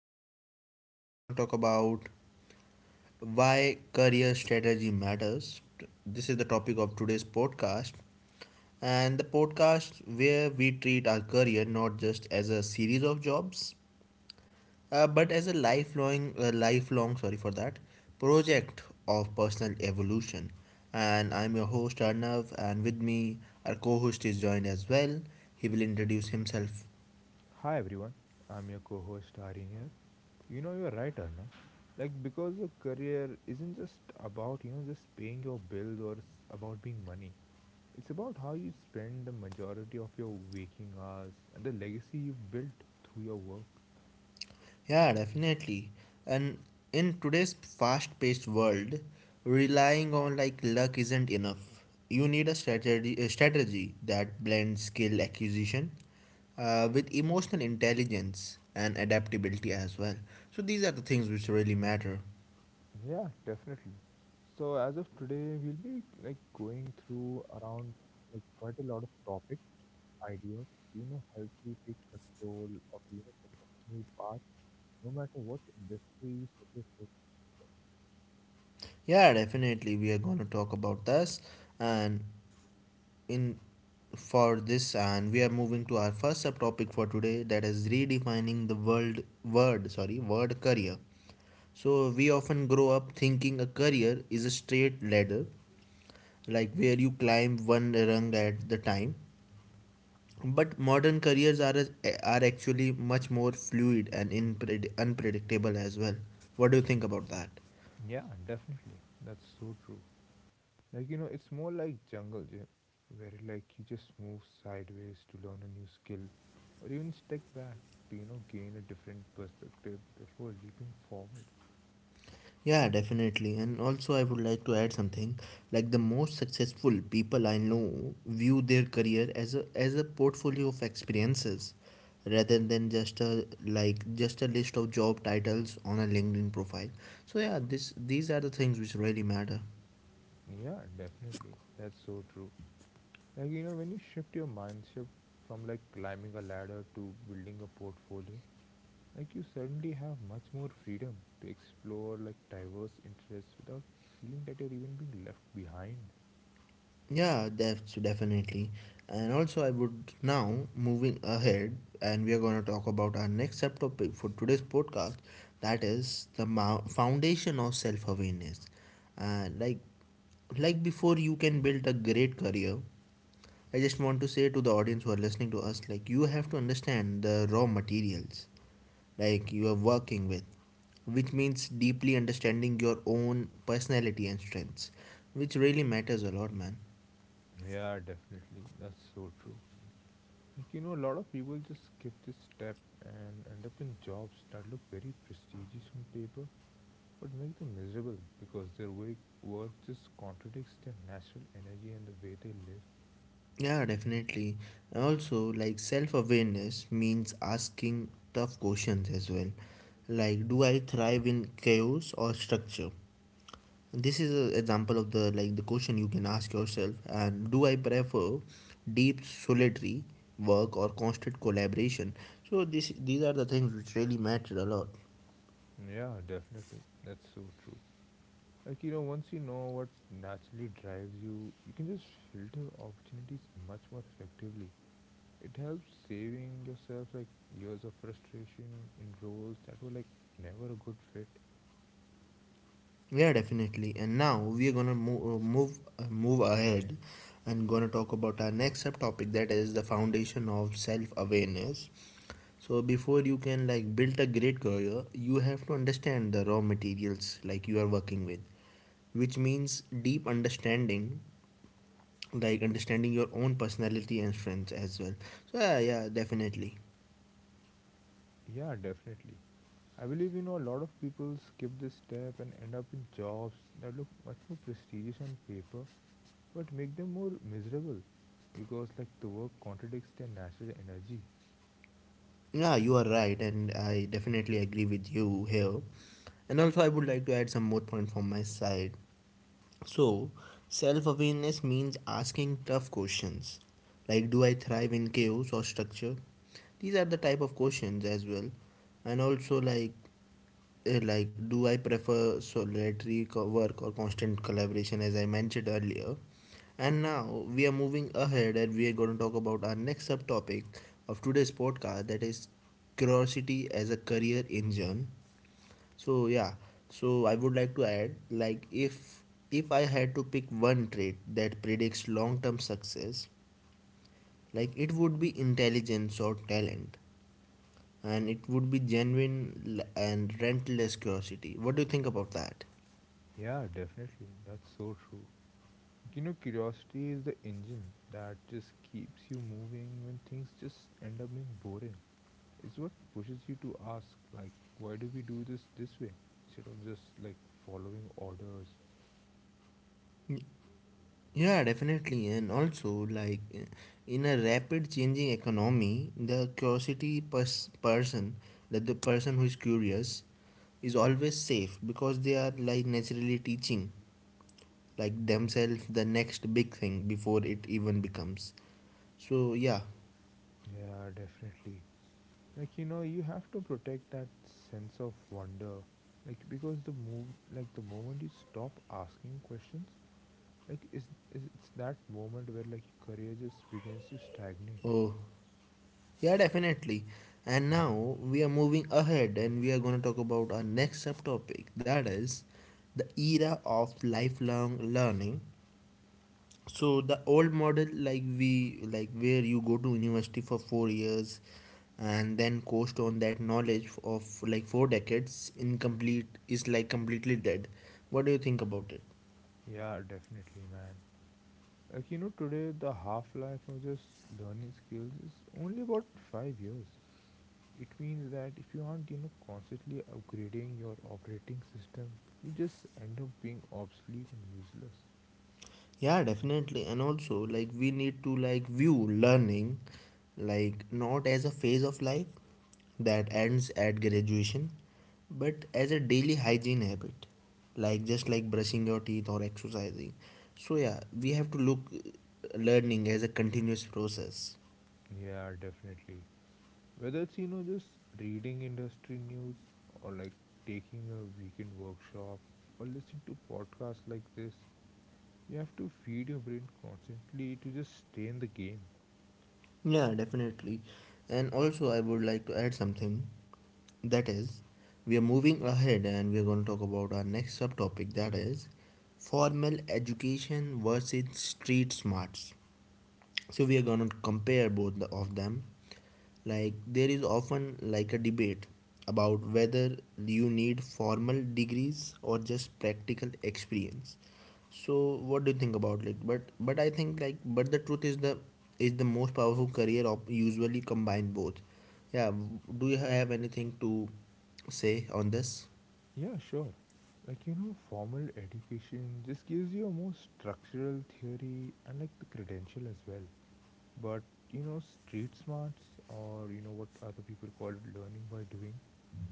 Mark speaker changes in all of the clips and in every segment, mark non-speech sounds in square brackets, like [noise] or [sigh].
Speaker 1: in this podcast, we're going to talk about why career strategy matters. This is the topic of today's podcast. And the podcast where we treat our career not just as a series of jobs, but as a lifelong, project of personal evolution. And I'm your host Arnav, and with me, our co host is joined as well. He will introduce himself.
Speaker 2: Hi everyone, I'm your co-host Arin here. You know you're right, Arna. Because a career isn't just about just paying your bills or about being money. It's about how you spend the majority of your waking hours and the legacy you've built through your work.
Speaker 1: Yeah, definitely. And in today's fast-paced world, relying on like luck isn't enough. You need a strategy that blends skill acquisition with emotional intelligence and adaptability as well. So these are the things which really matter.
Speaker 2: Yeah, definitely. So as of today, we'll be like going through around like quite a lot of topics, ideas, help you take control of your personal path, no matter what industry you set your.
Speaker 1: Yeah, definitely. We are going to talk about this, and in for this, and we are moving to our first subtopic for today, that is redefining the word career. So we often grow up thinking a career is a straight ladder, like where you climb one rung at the time. But modern careers are actually much more fluid and unpredictable as well. What do you think about that?
Speaker 2: Yeah, definitely. That's so true. It's more like jungle gym, where like you just move sideways to learn a new skill, or even step back to, gain a different perspective before leaping forward.
Speaker 1: Yeah, definitely. And also, I would like to add something. Like the most successful people I know view their career as a portfolio of experiences, rather than just a like just a list of job titles on a LinkedIn profile. So yeah, this these are the things which really matter.
Speaker 2: Yeah, definitely. That's so true. When you shift your mindset from like climbing a ladder to building a portfolio, like you suddenly have much more freedom to explore like diverse interests without feeling that you're even being left behind.
Speaker 1: Yeah, that's definitely. And also, I would now moving ahead, and we are going to talk about our next subtopic for today's podcast. That is the foundation of self-awareness. And like, like before, you can build a great career. I just want to say to the audience who are listening to us, like you have to understand the raw materials, like you are working with, which means deeply understanding your own personality and strengths, which really matters a lot, man.
Speaker 2: Yeah, definitely. That's so true. A lot of people just skip this step and end up in jobs that look very prestigious on paper but make them miserable because their work just contradicts their natural energy and the way they live.
Speaker 1: Yeah, definitely. Also, like self awareness means asking tough questions as well. Like, do I thrive in chaos or structure? This is an example of the question you can ask yourself. And do I prefer deep solitary work or constant collaboration? So this these are the things which really matter a lot.
Speaker 2: Yeah, definitely. That's so true. Once you know what naturally drives you, you can just filter opportunities much more effectively. It helps saving yourself like years of frustration in roles that were like never a good fit.
Speaker 1: Yeah, definitely. And now we are gonna move ahead and gonna talk about our next subtopic that is the foundation of self awareness. So before you can like build a great career, you have to understand the raw materials like you are working with, which means deep understanding, like understanding your own personality and strengths as well. So yeah, yeah, definitely.
Speaker 2: Yeah, definitely. I believe a lot of people skip this step and end up in jobs that look much more prestigious on paper but make them more miserable because like the work contradicts their natural energy.
Speaker 1: Yeah, you are right, and I definitely agree with you here. And also, I would like to add some more point from my side. So, self awareness means asking tough questions like do I thrive in chaos or structure? These are the type of questions as well. And also, like, like do I prefer solitary work or constant collaboration as I mentioned earlier. And now we are moving ahead and we are going to talk about our next subtopic of today's podcast, that is curiosity as a career engine. So yeah, so I would like to add like if I had to pick one trait that predicts long term success, like it would be intelligence or talent, and it would be genuine and relentless curiosity. What do you think about that?
Speaker 2: Yeah, definitely. That's so true. Curiosity is the engine that just keeps you moving when things just end up being boring. It's what pushes you to ask like why do we do this this way instead of just like following orders.
Speaker 1: Yeah, definitely. And also, like in a rapid changing economy, the curiosity pers- person, that the person who is curious is always safe because they are like naturally teaching like themselves the next big thing before it even becomes. So yeah.
Speaker 2: Yeah, definitely. Like, you have to protect that sense of wonder like because the move like the moment you stop asking questions like is it's that moment where like your career just begins to stagnate.
Speaker 1: Oh, yeah, definitely. And now we are moving ahead and we are going to talk about our next subtopic that is the era of lifelong learning. So the old model, like we like where you go to university for 4 years and then coast on that knowledge of like four decades incomplete is like completely dead. What do you think about it?
Speaker 2: Yeah, definitely, man. Like, today the half life of just learning skills is only about 5 years. It means that if you aren't constantly upgrading your operating system, you just end up being obsolete and useless.
Speaker 1: Yeah, definitely. And also, like we need to like view learning like not as a phase of life that ends at graduation, but as a daily hygiene habit, like just like brushing your teeth or exercising. So yeah, we have to look learning as a continuous process.
Speaker 2: Yeah, definitely. Whether it's just reading industry news, or like taking a weekend workshop, or listening to podcasts like this, you have to feed your brain constantly to just stay in the game.
Speaker 1: Yeah, definitely. And also, I would like to add something. That is, we are moving ahead and we are going to talk about our next subtopic that is formal education versus street smarts. So we are gonna compare both of them. Like there is often like a debate about whether you need formal degrees or just practical experience. So what do you think about it? But I think like but the truth is the most powerful career of usually combine both. Yeah, do you have anything to say on this?
Speaker 2: Yeah, sure. Formal education just gives you a more structural theory and like the credential as well. But street smarts, or what other people call it learning by doing,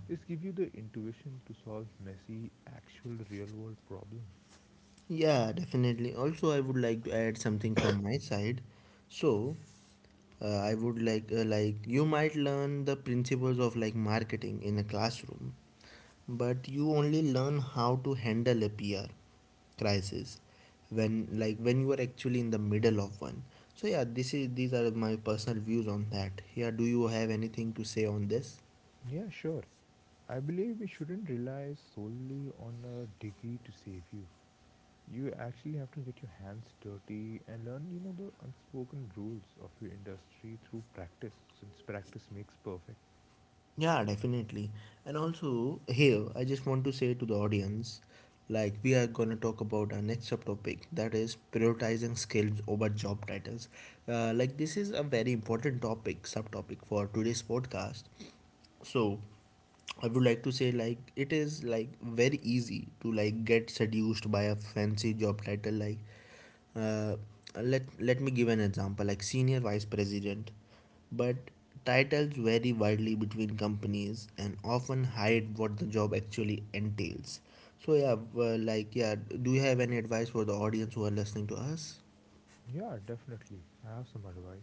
Speaker 2: just give you the intuition to solve messy, actual real world problems.
Speaker 1: Yeah, definitely. Also I would like to add something from my side. So I would like you might learn the principles of like marketing in a classroom, but you only learn how to handle a PR crisis when when you are actually in the middle of one. So yeah, this is these are my personal views on that. Yeah, do you have anything to say on this?
Speaker 2: Yeah, sure. I believe we shouldn't rely solely on a degree to save you. You actually have to get your hands dirty and learn, the unspoken rules of your industry through practice, since practice makes perfect.
Speaker 1: Yeah, definitely. And also, here, I just want to say to the audience, like, we are going to talk about our next subtopic that is prioritizing skills over job titles. This is a very important subtopic for today's podcast. So I would like to say like it is like very easy to like get seduced by a fancy job title, like uh, let me give an example like senior vice president. But titles vary widely between companies and often hide what the job actually entails. So yeah, yeah, do you have any advice for the audience who are listening to us?
Speaker 2: Yeah, definitely. I have some advice.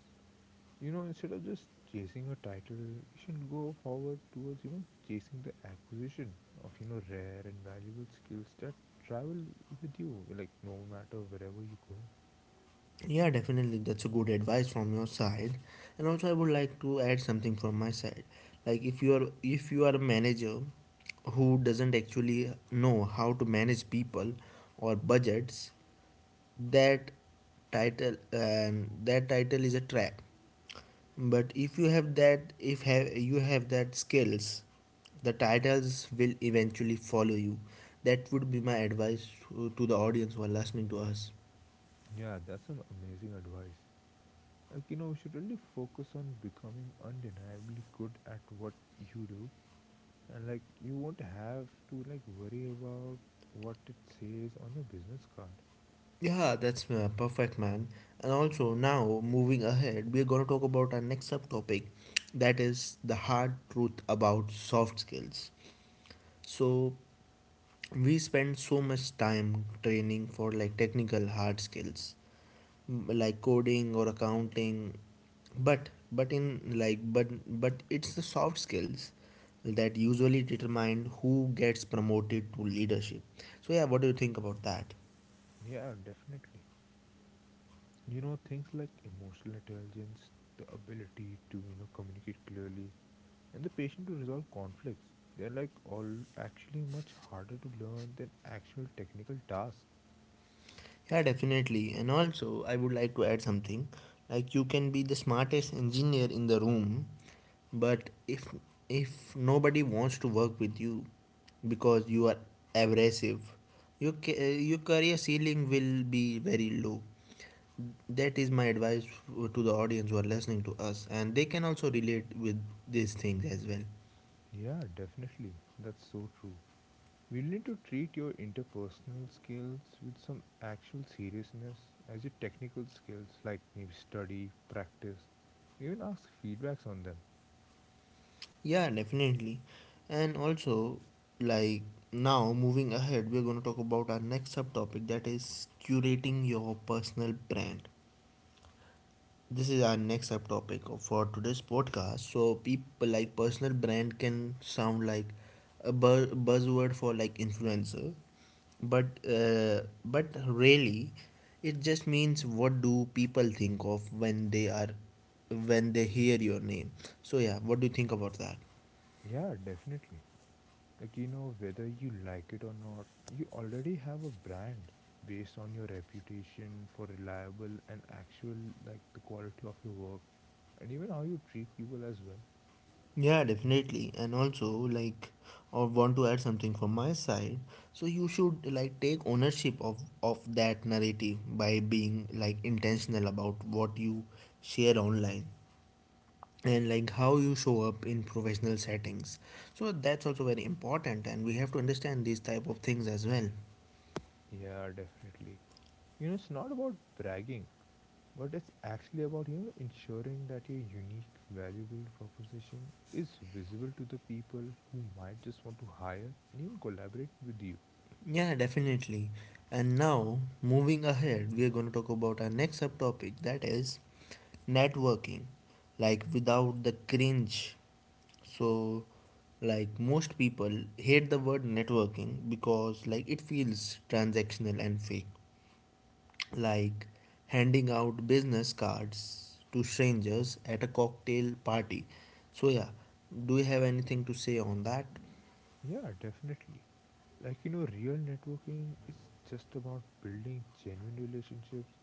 Speaker 2: Instead of just chasing a title, you should go forward towards, chasing the acquisition of, rare and valuable skills that travel with you, like no matter wherever you go.
Speaker 1: Yeah, definitely. That's a good advice from your side. And also, I would like to add something from my side. Like if you are a manager who doesn't actually know how to manage people or budgets, that that title is a trap. But if you have that, if have that skills, the titles will eventually follow you. That would be my advice to the audience who are listening to us.
Speaker 2: Yeah, that's some amazing advice. We should really focus on becoming undeniably good at what you do. And, like, you won't have to, like, worry about what it says on your business card.
Speaker 1: Yeah, that's perfect, man. And also, now moving ahead, we're going to talk about our next subtopic that is the hard truth about soft skills. So, we spend so much time training for like technical hard skills, like coding or accounting, but in like but it's the soft skills that usually determine who gets promoted to leadership. So, yeah, what do you think about that?
Speaker 2: Yeah, definitely. Things like emotional intelligence, the ability to, communicate clearly, and the patience to resolve conflicts. They're, like, all actually much harder to learn than actual technical tasks.
Speaker 1: Yeah, definitely. And also, I would like to add something. Like you can be the smartest engineer in the room, but if nobody wants to work with you because you are abrasive, your career ceiling will be very low. That is my advice to the audience who are listening to us, and they can also relate with these things as well.
Speaker 2: Yeah, definitely. That's so true. We need to treat your interpersonal skills with some actual seriousness as your technical skills, like maybe study, practice, even ask feedbacks on them.
Speaker 1: Yeah, definitely. And also, like now, moving ahead, we're going to talk about our next subtopic that is curating your personal brand. This is our next subtopic for today's podcast. So, people like personal brand can sound like a buzzword for like influencer, but but really, it just means what do people think of when they hear your name. So, yeah, what do you think about that?
Speaker 2: Yeah, definitely. Whether you like it or not, you already have a brand based on your reputation for reliable and actual, like, the quality of your work and even how you treat people as well.
Speaker 1: Yeah, definitely. And also, like, or want to add something from my side. So you should like take ownership of that narrative by being like intentional about what you share online and like how you show up in professional settings. So that's also very important, and we have to understand these type of things as well.
Speaker 2: Yeah, definitely. It's not about bragging, but it's actually about ensuring that your unique valuable proposition is visible to the people who might just want to hire and even collaborate with you.
Speaker 1: Yeah, definitely. And now, moving ahead, we are going to talk about our next subtopic that is networking. Like, without the cringe. So, like, most people hate the word networking because, like, it feels transactional and fake. Like, handing out business cards to strangers at a cocktail party. So, yeah, do you have anything to say on that?
Speaker 2: Yeah, definitely. Like, real networking is just about building genuine relationships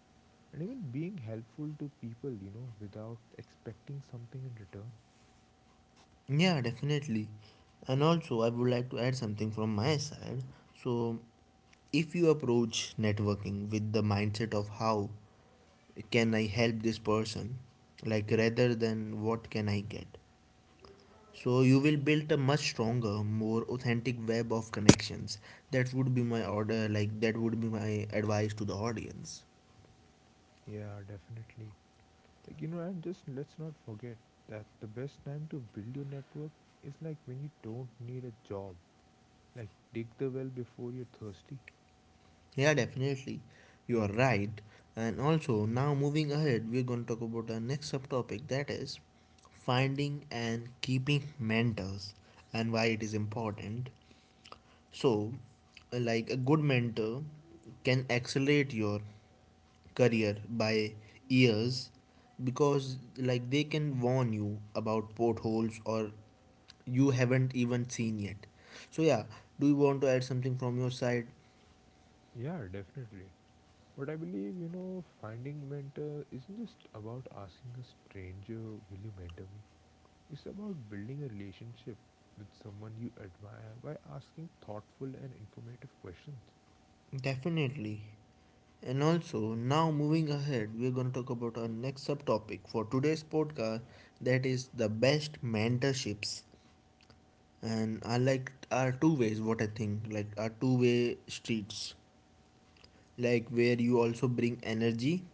Speaker 2: and even being helpful to people, without expecting something in return.
Speaker 1: Yeah, definitely. And also, I would like to add something from my side. So, if you approach networking with the mindset of how can I help this person, like rather than what can I get, so you will build a much stronger, more authentic web of connections. That would be my order, like, that would be my advice to the audience.
Speaker 2: Yeah, definitely. Like, and just let's not forget that the best time to build your network is like when you don't need a job. Like, dig the well before you're thirsty.
Speaker 1: Yeah, definitely. You are right. And also, now moving ahead, we're going to talk about our next subtopic that is finding and keeping mentors and why it is important. So, like a good mentor can accelerate your career by years because like they can warn you about potholes or you haven't even seen yet. So yeah, do you want to add something from your side?
Speaker 2: Yeah, definitely. But I believe, finding mentor isn't just about asking a stranger, will you mentor me? It's about building a relationship with someone you admire by asking thoughtful and informative questions.
Speaker 1: Definitely. And also, now moving ahead, we're going to talk about our next subtopic for today's podcast, that is the best mentorships. And I like our two ways, what I think, like our two-way streets, like where you also bring energy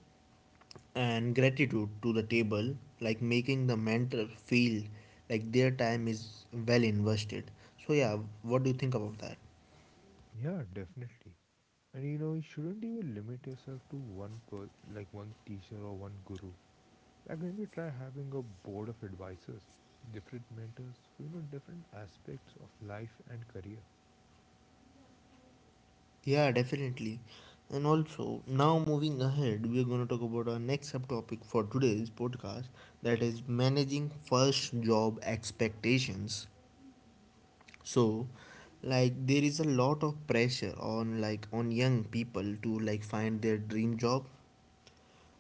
Speaker 1: and gratitude to the table, like making the mentor feel like their time is well invested. So, yeah, what do you think about that?
Speaker 2: Yeah, definitely. And you shouldn't even limit yourself to one per like one teacher or one guru. Like maybe try having a board of advisors, different mentors for different aspects of life and career.
Speaker 1: Yeah, definitely. And also, now moving ahead, we're going to talk about our next subtopic for today's podcast, that is managing first job expectations. So, like there is a lot of pressure on like on young people to like find their dream job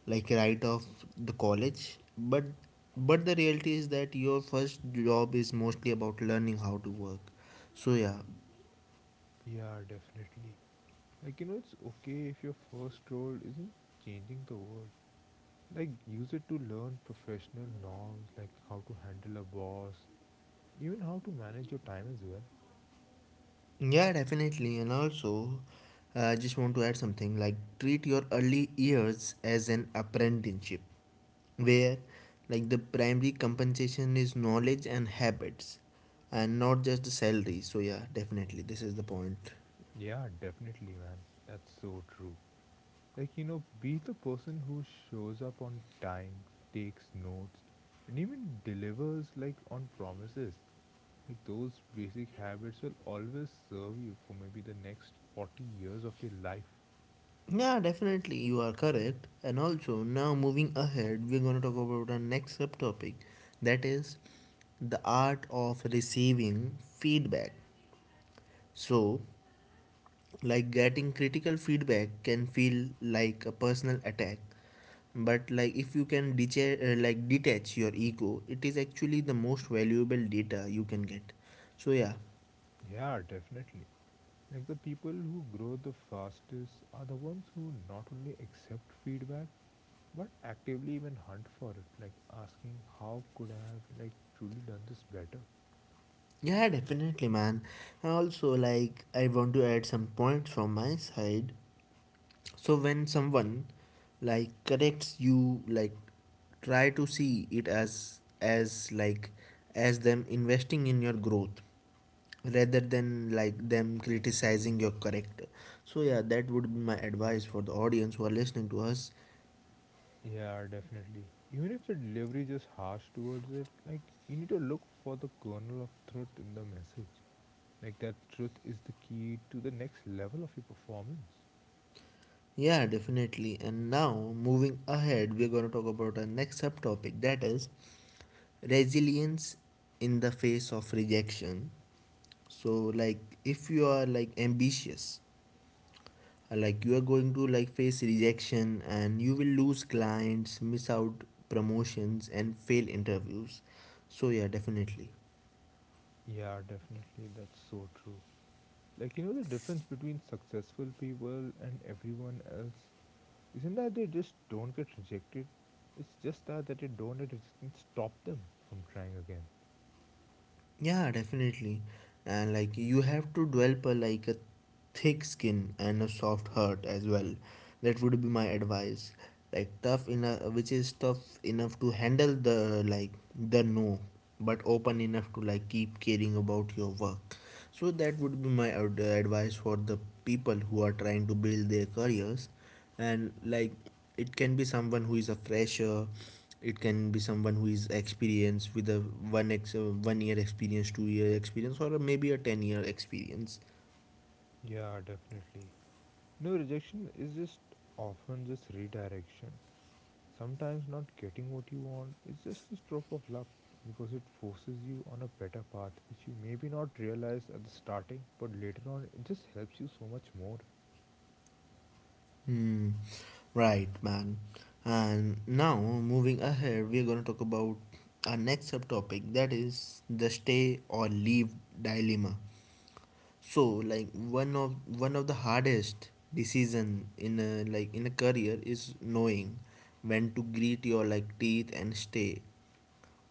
Speaker 1: like right off the college, but the reality is that your first job is mostly about learning how to work. So yeah.
Speaker 2: Yeah, definitely. It's okay if your first role isn't changing the world. Like, use it to learn professional norms, like how to handle a boss, even how to manage your time as well.
Speaker 1: Yeah, definitely. And also, I just want to add something like treat your early years as an apprenticeship, where like the primary compensation is knowledge and habits and not just the salary. So, yeah, definitely, this is the point.
Speaker 2: Yeah, definitely, man. That's so true. Be the person who shows up on time, takes notes, and even delivers, like, on promises. Like, those basic habits will always serve you for maybe the next 40 years of your life.
Speaker 1: Yeah, definitely, you are correct. And also, now moving ahead, we're going to talk about our next subtopic that is the art of receiving feedback. So, like getting critical feedback can feel like a personal attack, but like if you can detach your ego, it is actually the most valuable data you can get. So yeah.
Speaker 2: Yeah, definitely. Like the people who grow the fastest are the ones who not only accept feedback but actively even hunt for it, like asking how could I have like truly done this better.
Speaker 1: Yeah, definitely, man. And also like I want to add some points from my side. So when someone like corrects you, like try to see it as like as them investing in your growth, rather than like them criticizing your character. So yeah, that would be my advice for the audience who are listening to us.
Speaker 2: Yeah, definitely. Even if the delivery is just harsh towards it, like you need to look for the kernel of truth in the message. Like that truth is the key to the next level of your performance.
Speaker 1: Yeah, definitely. And now moving ahead, we're going to talk about our next subtopic that is resilience in the face of rejection. So like if you are like ambitious, like you are going to like face rejection, and you will lose clients, miss out promotions, and fail interviews. So yeah, definitely.
Speaker 2: Yeah, definitely. That's so true. The difference between successful people and everyone else isn't that they just don't get rejected? It's just that they don't let rejection stop them from trying again.
Speaker 1: Yeah, definitely. And like you have to develop a, like a thick skin and a soft heart as well. That would be my advice. Like tough enough, which is tough enough to handle the like the no, but open enough to like keep caring about your work. So that would be my advice for the people who are trying to build their careers, and like it can be someone who is a fresher, it can be someone who is experienced with a 1 year experience, 2 year experience, or maybe a 10-year experience.
Speaker 2: Yeah, definitely. No, rejection is just often just redirection. Sometimes not getting what you want is just a stroke of luck because it forces you on a better path which you maybe not realize at the starting but later on it just helps you so much more.
Speaker 1: Hmm. Right, man. And now moving ahead, we're going to talk about our next subtopic that is the stay or leave dilemma. So, like one of the hardest decision in a like in a career is knowing when to grit your like teeth and stay,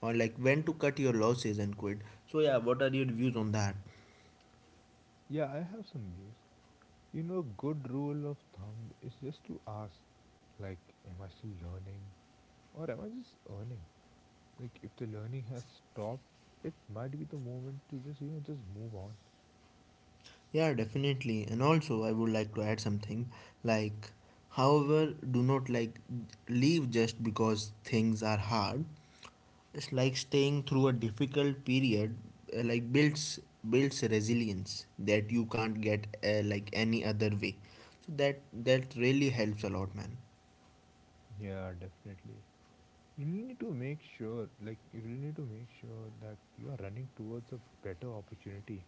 Speaker 1: or like when to cut your losses and quit. So yeah, what are your views on that?
Speaker 2: Yeah, I have some views. A good rule of thumb is just to ask like am I still learning or am I just earning? Like if the learning has stopped, it might be the moment to just just move on.
Speaker 1: Yeah, definitely. And also, I would like to add something like, however, do not like leave just because things are hard. It's like staying through a difficult period, like builds resilience that you can't get like any other way. So that really helps a lot, man.
Speaker 2: Yeah, definitely. You really need to make sure, like you really need to make sure that you are running towards a better opportunity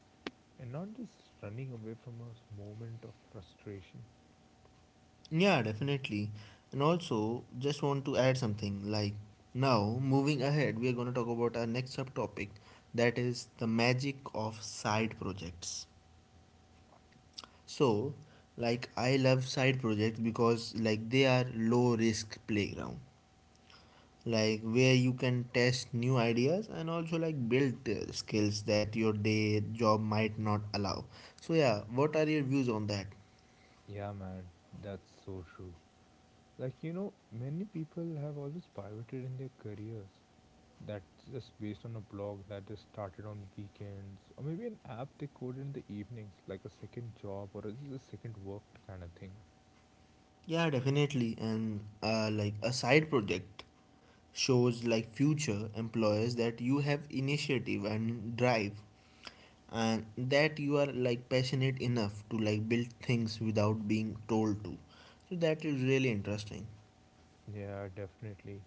Speaker 2: and not just running away from a moment of frustration.
Speaker 1: Yeah, definitely. And also, just want to add something. Like now, moving ahead, we are going to talk about our next subtopic, that is the magic of side projects. So, like I love side projects because like they are low risk playground, like where you can test new ideas and also like build skills that your day job might not allow. So yeah, what are your views on that?
Speaker 2: Yeah, man, that's so true. Many people have always pivoted in their careers. That's just based on a blog that is started on weekends, or maybe an app they coded in the evenings, like a second job or just a second work kind of thing.
Speaker 1: Yeah, definitely. And like a side project shows like future employers that you have initiative and drive, and that you are like passionate enough to like build things without being told to. So that is really interesting.
Speaker 2: Yeah, definitely.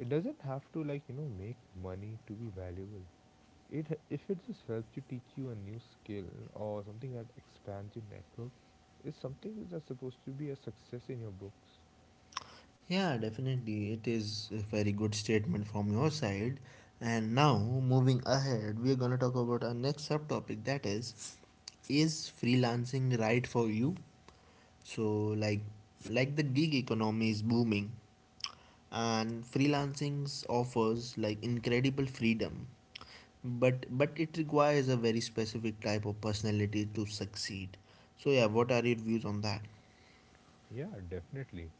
Speaker 2: It doesn't have to like make money to be valuable. If it just helps you teach you a new skill or something that expands your network, is something that's supposed to be a success in your books.
Speaker 1: Yeah, definitely. It is a very good statement from your side. And now, moving ahead, we are going to talk about our next subtopic that is freelancing right for you? So like like the gig economy is booming and freelancing offers like incredible freedom, but it requires a very specific type of personality to succeed. So yeah, what are your views on that?
Speaker 2: Yeah, definitely.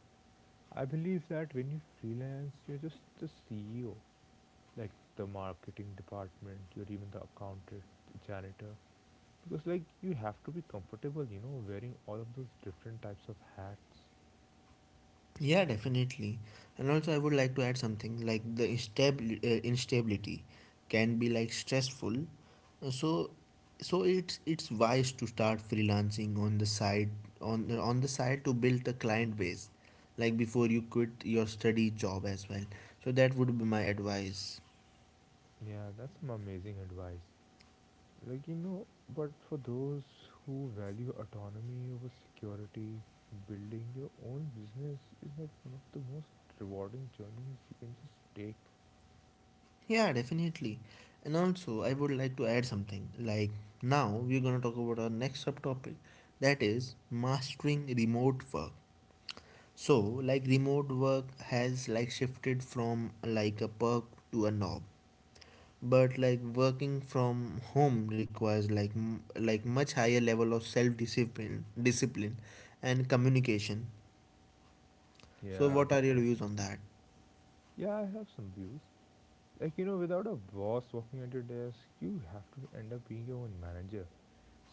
Speaker 2: I believe that when you freelance, you're just the CEO, like the marketing department or even the accountant, the janitor, because like you have to be comfortable wearing all of those different types of hats.
Speaker 1: Yeah, definitely. And also, I would like to add something like the instability can be like stressful. So, so it's wise to start freelancing on the side, on the side to build a client base, like before you quit your study job as well. So that would be my advice.
Speaker 2: Yeah, that's some amazing advice. Like, but for those who value autonomy over security, building your own business is like one of the most rewarding journeys you can just take.
Speaker 1: Yeah, definitely. And also, I would like to add something like now we're gonna talk about our next subtopic, that is mastering remote work. So, like remote work has like shifted from like a perk to a knob. But like working from home requires like like much higher level of self discipline and communication. So,
Speaker 2: Yeah,
Speaker 1: what are your views
Speaker 2: definitely.
Speaker 1: on that?
Speaker 2: Yeah, I have some views. Like, without a boss walking at your desk you have to end up being your own manager,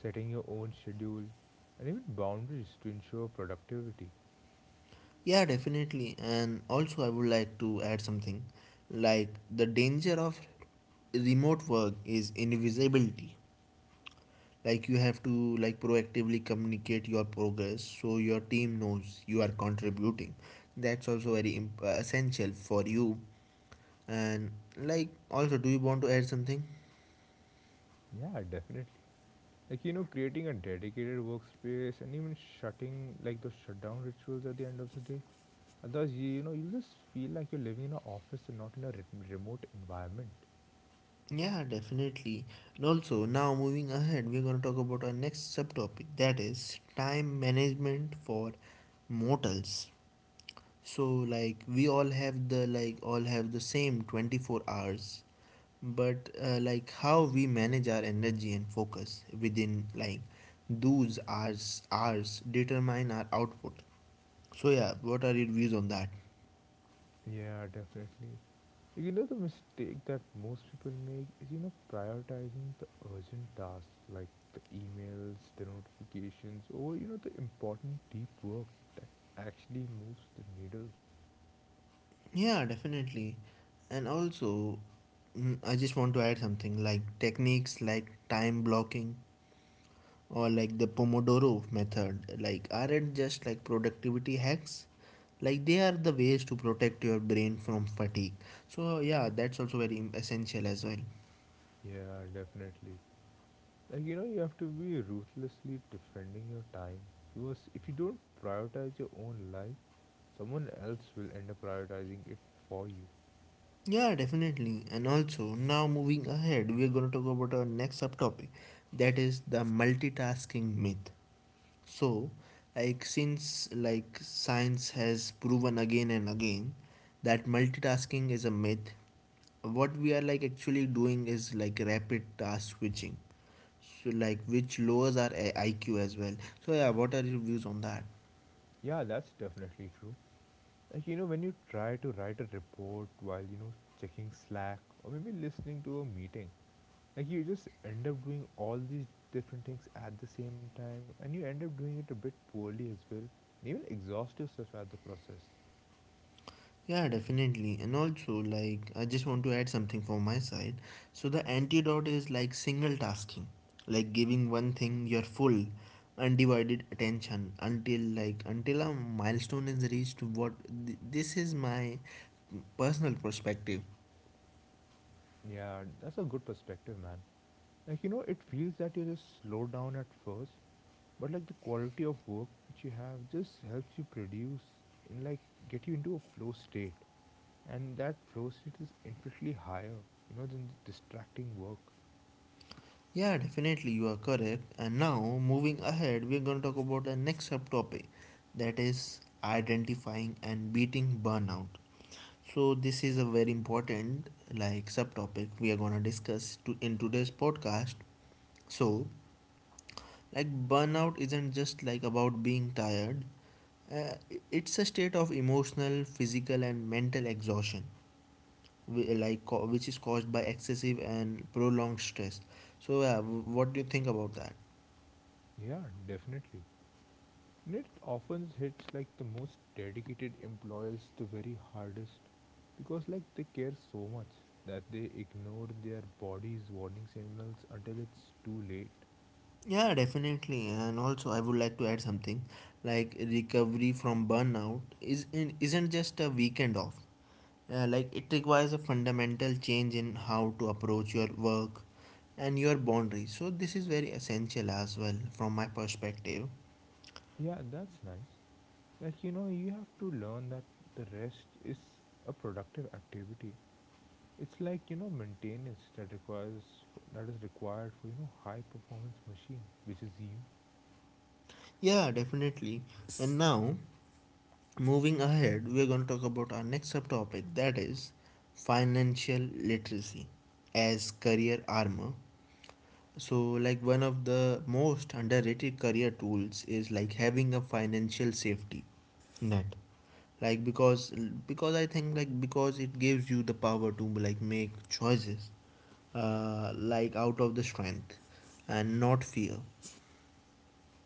Speaker 2: setting your own schedule, and even boundaries to ensure productivity.
Speaker 1: Yeah, definitely. And also I would like to add something like the danger of remote work is invisibility, like you have to like proactively communicate your progress, so your team knows you are contributing. That's also very essential for you. And like also, do you want to add something?
Speaker 2: Yeah, definitely. Creating a dedicated workspace and even shutting like those shutdown rituals at the end of the day. Otherwise, you, you just feel like you're living in an office and not in a remote environment.
Speaker 1: Yeah, definitely. And also now moving ahead, we're going to talk about our next subtopic that is time management for mortals. So like we all have the same 24 hours, but like how we manage our energy and focus within like those hours determine our output. So yeah, what are your views on that?
Speaker 2: Yeah, definitely. Like, the mistake that most people make is, prioritizing the urgent tasks like the emails, the notifications, or, the important deep work that actually moves the needle.
Speaker 1: Yeah, definitely. And also, I just want to add something like techniques like time blocking or like the pomodoro method like aren't just like productivity hacks, like they are the ways to protect your brain from fatigue. So yeah, that's also very essential as well.
Speaker 2: Yeah, definitely. You have to be ruthlessly defending your time because if you don't prioritize your own life, someone else will end up prioritizing it for you.
Speaker 1: Yeah, definitely. And also, now moving ahead, we are going to talk about our next subtopic that is the multitasking myth. So, like since like science has proven again and again that multitasking is a myth, what we are like actually doing is like rapid task switching. So like which lowers our IQ as well. So yeah, what are your views on that?
Speaker 2: Yeah, that's definitely true. Like when you try to write a report while checking Slack or maybe listening to a meeting, like you just end up doing all these different things at the same time, and you end up doing it a bit poorly as well, and even exhaust yourself at the process.
Speaker 1: Yeah, definitely. And also, like, I just want to add something from my side. So, the antidote is like single tasking, like giving one thing your full, undivided attention until a milestone is reached. This is my personal perspective.
Speaker 2: Yeah, that's a good perspective, man. Like, it feels that you just slow down at first, but like the quality of work which you have just helps you produce in like get you into a flow state. And that flow state is infinitely higher, than the distracting work.
Speaker 1: Yeah, definitely, you are correct. And now, moving ahead, we're going to talk about the next subtopic that is identifying and beating burnout. So this is a very important like subtopic we are gonna discuss to in today's podcast. So like burnout isn't just like about being tired. Uh, it's a state of emotional, physical, and mental exhaustion, which is caused by excessive and prolonged stress. So yeah, what do you think about that?
Speaker 2: Yeah, definitely. And it often hits like the most dedicated employers the very hardest because like they care so much that they ignore their body's warning signals until it's too late.
Speaker 1: Yeah, definitely. And also, I would like to add something like recovery from burnout isn't just a weekend off. Like it requires a fundamental change in how to approach your work and your boundaries. So this is very essential as well from my perspective.
Speaker 2: Yeah, that's nice. Like, you have to learn that the rest is a productive activity. It's like, maintenance that requires, that is required for, high performance machine, which is you.
Speaker 1: Yeah, definitely. And now moving ahead, we are going to talk about our next subtopic that is financial literacy as career armor. So like one of the most underrated career tools is like having a financial safety net, like because I think like because it gives you the power to like make choices like out of the strength and not fear.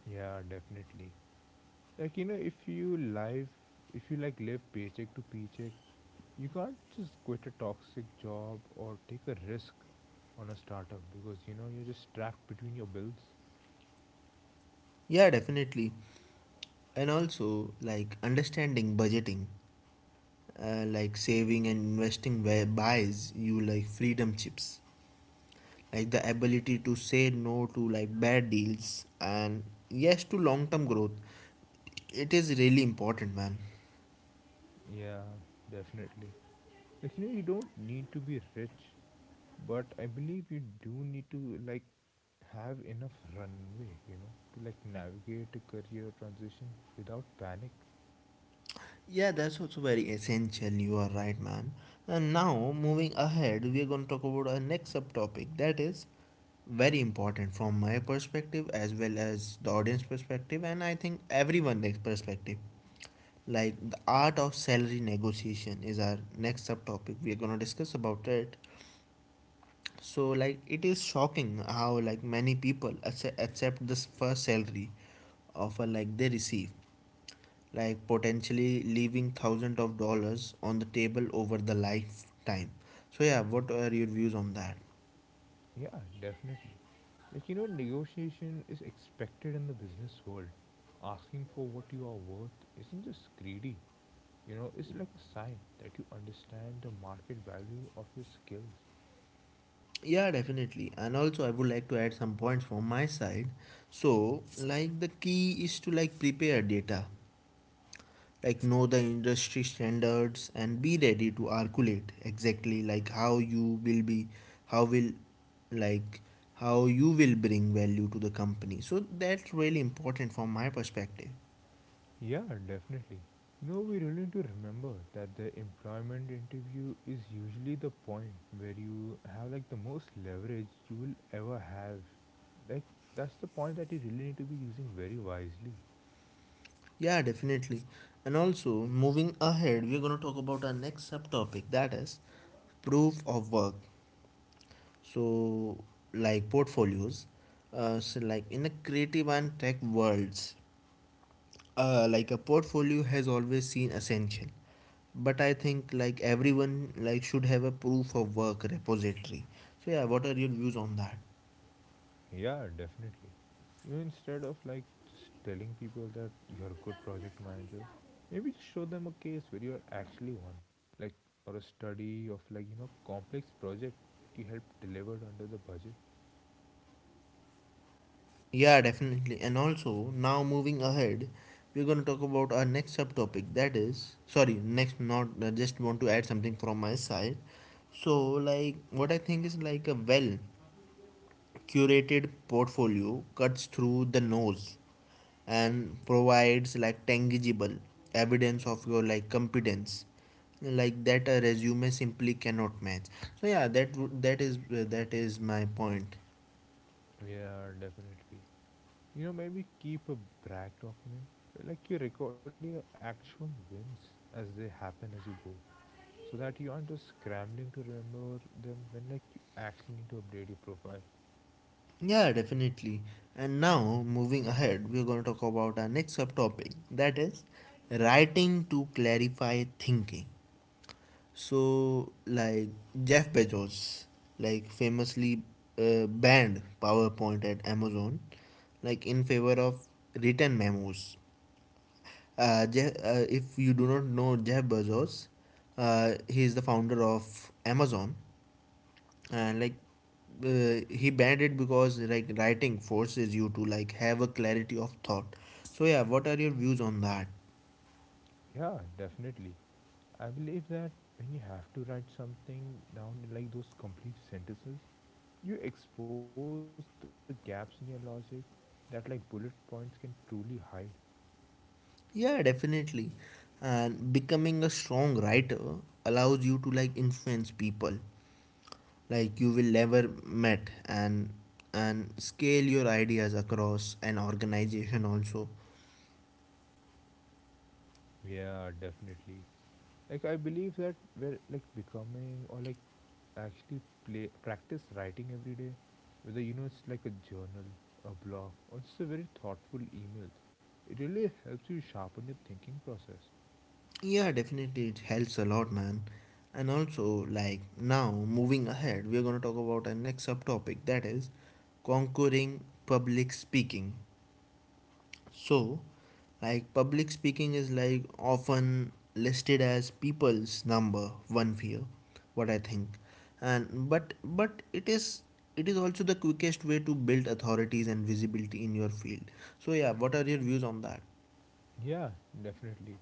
Speaker 2: Yeah, definitely. Like, if you like live paycheck to paycheck, you can't just quit a toxic job or take a risk on a startup because, you're just trapped between your bills.
Speaker 1: Yeah, definitely. And also like understanding budgeting, like saving and investing where buys you like freedom chips, like the ability to say no to like bad deals, and yes to long term growth. It is really important, man.
Speaker 2: Yeah, definitely. Like, you don't need to be rich but I believe you do need to like have enough runway to like navigate a career transition without panic.
Speaker 1: Yeah, that's also very essential. You are right, man. And now, moving ahead, we are going to talk about our next subtopic that is very important from my perspective as well as the audience perspective, and I think everyone's perspective. Like the art of salary negotiation is our next subtopic. We are going to discuss about it. So, like, it is shocking how like many people accept this first salary offer like they receive, like potentially leaving thousands of dollars on the table over the lifetime. So yeah, what are your views on that?
Speaker 2: Yeah, definitely. Like negotiation is expected in the business world. Asking for what you are worth isn't just greedy. You know, it's like a sign that you understand the market value of your skills.
Speaker 1: Yeah, definitely. And also I would like to add some points from my side. So like the key is to like prepare data. Like know the industry standards and be ready to articulate exactly like how you will be how will like how you will bring value to the company. So that's really important from my perspective.
Speaker 2: Yeah, definitely. We really need to remember that the employment interview is usually the point where you have like the most leverage you will ever have. Like, that's the point that you really need to be using very wisely.
Speaker 1: Yeah, definitely. And also, moving ahead, we're going to talk about our next subtopic that is proof of work. So, like portfolios, so, like in a creative and tech worlds, like a portfolio has always seen essential. But I think like everyone like should have a proof of work repository. So yeah, what are your views on that?
Speaker 2: Yeah, definitely. Instead of like just telling people that you're a good project manager, maybe just show them a case where you're actually one. Like, or a study of like, complex project that you helped delivered under the budget.
Speaker 1: Yeah, definitely. And also, now moving ahead, we're going to talk about our next subtopic. That is, sorry, next, not I just want to add something from my side. So, like, what I think is like a well curated portfolio cuts through the nose and provides like tangible evidence of your like competence like that a resume simply cannot match. So yeah, that is my point.
Speaker 2: Yeah, definitely. Maybe keep a brag document, where, like you record your actual wins as they happen as you go. So that you aren't just scrambling to remember them when like you actually need to update your profile.
Speaker 1: Yeah, definitely. And now, moving ahead, we're going to talk about our next subtopic that is writing to clarify thinking. So, like Jeff Bezos, like famously banned PowerPoint at Amazon, like in favor of written memos. Jeff, if you do not know Jeff Bezos, he is the founder of Amazon and like he banned it because like writing forces you to like have a clarity of thought. So yeah, what are your views on that?
Speaker 2: Yeah, definitely. I believe that when you have to write something down in like those complete sentences, you expose the gaps in your logic that like bullet points can truly hide.
Speaker 1: Yeah, definitely. And becoming a strong writer allows you to like influence people like you will never met, and scale your ideas across an organization also.
Speaker 2: Yeah, definitely. Like I believe that we're like becoming or like actually play practice writing every day, whether it's like a journal, a blog or just a very thoughtful email. It really helps you sharpen your thinking process.
Speaker 1: Yeah, definitely, it helps a lot, man. And also, like now, moving ahead, we're gonna talk about our next subtopic that is conquering public speaking. So, like public speaking is like often listed as people's number one fear, what I think. And but it is, it is also the quickest way to build authorities and visibility in your field. So yeah, what are your views on that?
Speaker 2: Yeah, definitely.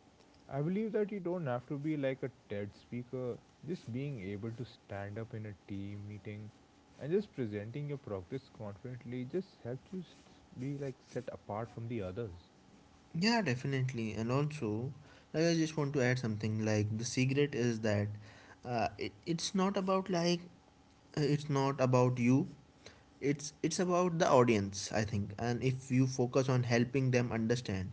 Speaker 2: I believe that you don't have to be like a TED speaker. Just being able to stand up in a team meeting and just presenting your progress confidently just helps you s be like set apart from the others.
Speaker 1: Yeah, definitely. And also, like I just want to add something like the secret is that it's not about like, it's not about you. It's about the audience, I think. And if you focus on helping them understand,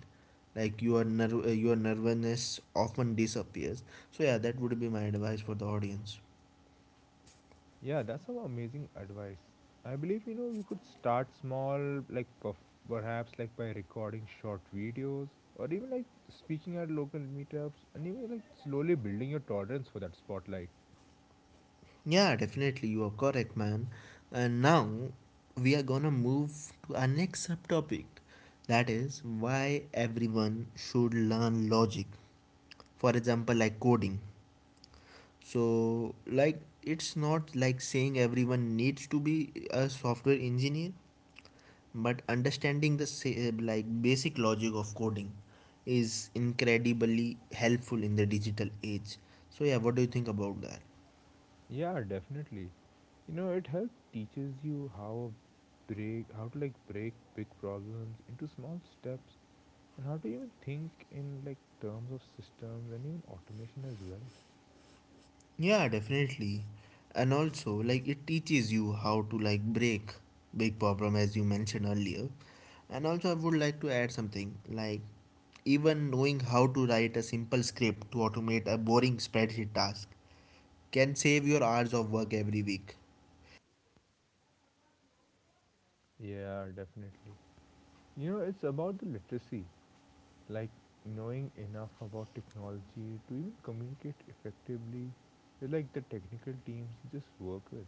Speaker 1: like your nervousness often disappears. So yeah, that would be my advice for the audience.
Speaker 2: Yeah, that's some amazing advice. I believe you could start small, like perhaps like by recording short videos or even like speaking at local meetups and even like slowly building your tolerance for that spotlight.
Speaker 1: Yeah, definitely, you are correct, man. And now we are gonna move to our next subtopic that is why everyone should learn logic. For example, like coding. So, like, it's not like saying everyone needs to be a software engineer, but understanding the basic logic of coding is incredibly helpful in the digital age. So, yeah, what do you think about that?
Speaker 2: Yeah, definitely. It helps teaches you how to like break big problems into small steps and how to even think in like terms of systems and even automation as well.
Speaker 1: Yeah, definitely. And also, like, it teaches you how to like break big problem as you mentioned earlier. And also, I would like to add something like even knowing how to write a simple script to automate a boring spreadsheet task can save your hours of work every week.
Speaker 2: Yeah, definitely. It's about the literacy, like knowing enough about technology to even communicate effectively with like the technical teams you just work with.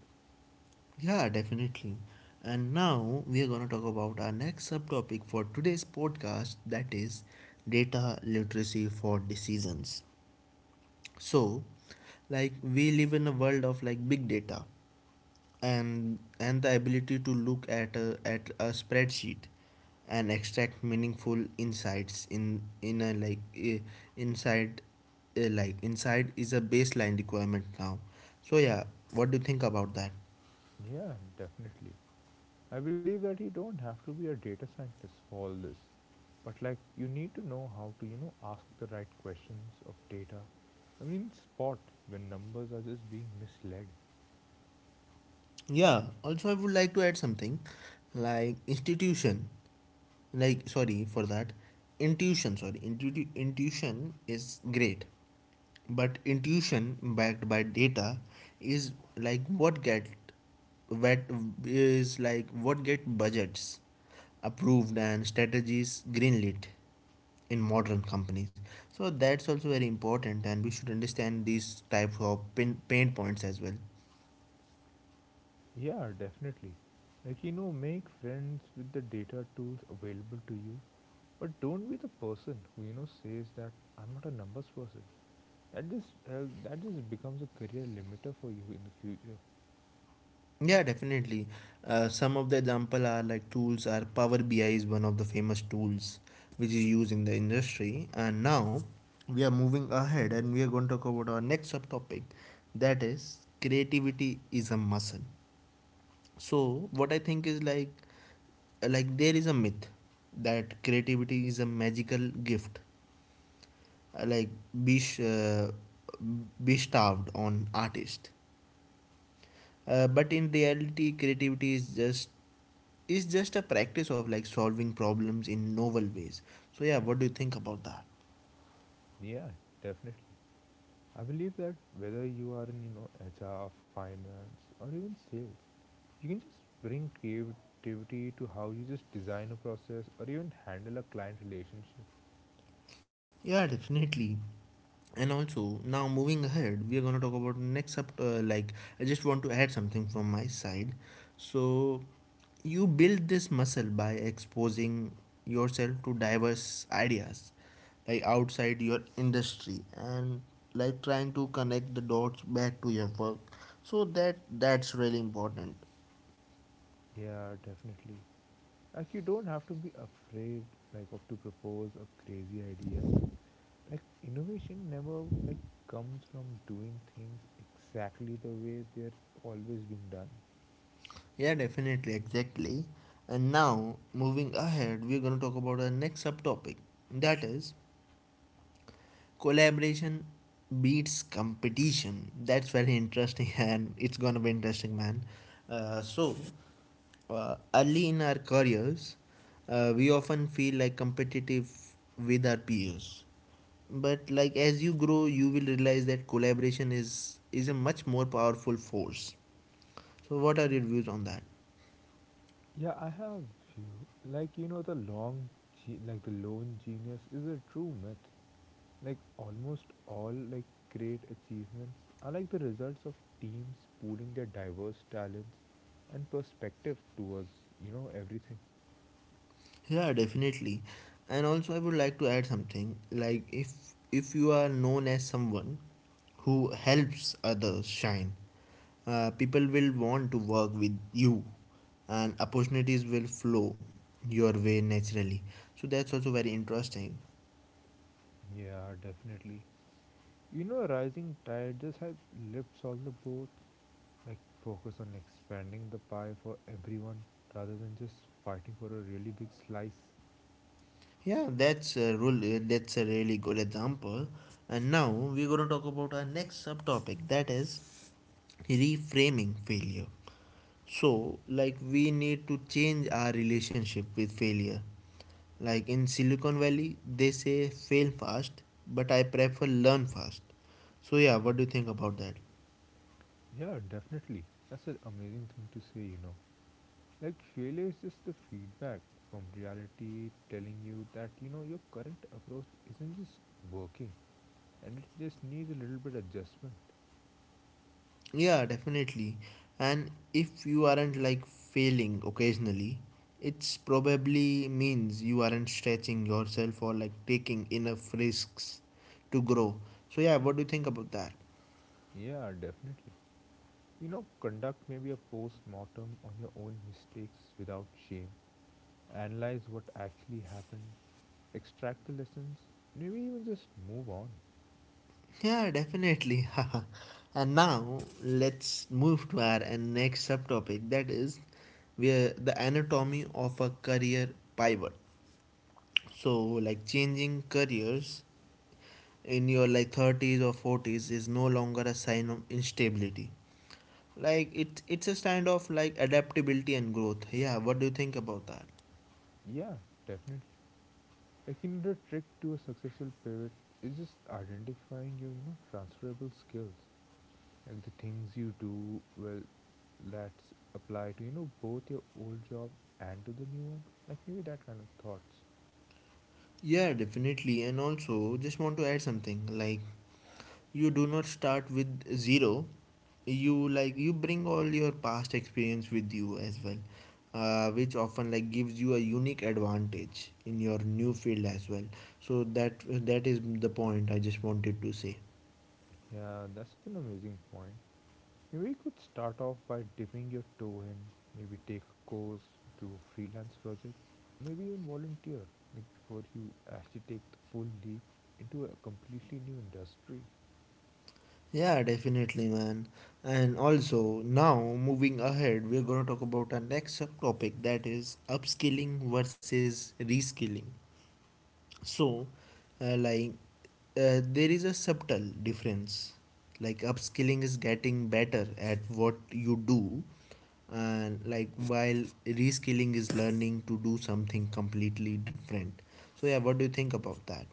Speaker 1: Yeah, definitely. And now we are going to talk about our next subtopic for today's podcast that is data literacy for decisions. So, like we live in a world of like big data, and the ability to look at a spreadsheet and extract meaningful insights in in a like i- inside uh, like inside is a baseline requirement now. So yeah, what do you think about that?
Speaker 2: Yeah, definitely. I believe that you don't have to be a data scientist for all this, but like you need to know how to, ask the right questions of data. I mean, spot when numbers are just being misled.
Speaker 1: Yeah, also I would like to add something like institution, like sorry for that, intuition, sorry, intuition is great. But intuition backed by data is what like what get budgets approved and strategies greenlit in modern companies. So that's also very important, and we should understand these types of pain points as well.
Speaker 2: Yeah, definitely. Like, make friends with the data tools available to you. But don't be the person who says that I'm not a numbers person. That just becomes a career limiter for you in the future.
Speaker 1: Yeah, definitely. Some of the example are like tools are Power BI is one of the famous tools which is used in the industry. And now we are moving ahead and we are going to talk about our next subtopic that is creativity is a muscle. So what I think is like there is a myth that creativity is a magical gift, uh, like be, sh- uh, be starved on artist, but in reality creativity is just, is just a practice of like solving problems in novel ways. So yeah, what do you think about that?
Speaker 2: Yeah, definitely. I believe that whether you are in HR, finance, or even sales, you can just bring creativity to how you just design a process or even handle a client relationship.
Speaker 1: Yeah, definitely. And also, now moving ahead, we are going to talk about next up. Like, I just want to add something from my side. So, you build this muscle by exposing yourself to diverse ideas, like outside your industry, and like trying to connect the dots back to your work. So that, that's really important.
Speaker 2: Yeah, definitely. Like you don't have to be afraid like of to propose a crazy idea. Like innovation never like comes from doing things exactly the way they're always being done.
Speaker 1: Yeah, definitely, exactly. And now, moving ahead, we're going to talk about our next subtopic. That is collaboration beats competition. That's very interesting, [laughs] and it's gonna be interesting, man. Uh, so, Early in our careers, we often feel like competitive with our peers. But like as you grow, you will realize that collaboration is a much more powerful force. So, what are your views on that?
Speaker 2: Yeah, I have few. Like like the lone genius is a true myth. Like almost all like great achievements are like the results of teams pooling their diverse talents and perspective towards everything.
Speaker 1: Yeah, definitely. And also I would like to add something like if you are known as someone who helps others shine, people will want to work with you and opportunities will flow your way naturally. So that's also very interesting.
Speaker 2: Yeah, definitely. A rising tide just help lift all the boats. Like focus on expanding the pie for everyone rather than just fighting for a really big slice.
Speaker 1: Yeah, that's a rule. That's a really good example. And now we're going to talk about our next subtopic that is reframing failure. So, like, we need to change our relationship with failure. Like in Silicon Valley, they say fail fast, but I prefer learn fast. So, yeah, what do you think about that?
Speaker 2: Yeah, definitely. That's an amazing thing to say. Like failure is just the feedback from reality telling you that, your current approach isn't just working and it just needs a little bit adjustment.
Speaker 1: Yeah, definitely. And if you aren't like failing occasionally, it's probably means you aren't stretching yourself or like taking enough risks to grow. So, yeah, what do you think about that?
Speaker 2: Yeah, definitely. Conduct maybe a post mortem on your own mistakes without shame. Analyze what actually happened, extract the lessons, maybe even just move on.
Speaker 1: Yeah, definitely. [laughs] And now let's move to our next subtopic that is where the anatomy of a career pivot. So like changing careers in your like 30s or 40s is no longer a sign of instability. Like it's a sign of like adaptability and growth. Yeah, what do you think about that?
Speaker 2: Yeah, definitely. Like another trick to a successful pivot is just identifying your, transferable skills. Like the things you do well that's apply to, both your old job and to the new one. Like maybe that kind of thoughts.
Speaker 1: Yeah, definitely. And also just want to add something like you do not start with zero. You like you bring all your past experience with you as well, which often like gives you a unique advantage in your new field as well. So that, that is the point I just wanted to say.
Speaker 2: Yeah, that's an amazing point. Maybe you could start off by dipping your toe in, maybe take a course, do a freelance project, maybe even volunteer, like before you actually take the full leap into a completely new industry.
Speaker 1: Yeah, definitely, man. And also now moving ahead we're going to talk about our next subtopic that is upskilling versus reskilling. So, uh, like there is a subtle difference. Like upskilling is getting better at what you do, and like while reskilling is learning to do something completely different. So yeah, what do you think about that?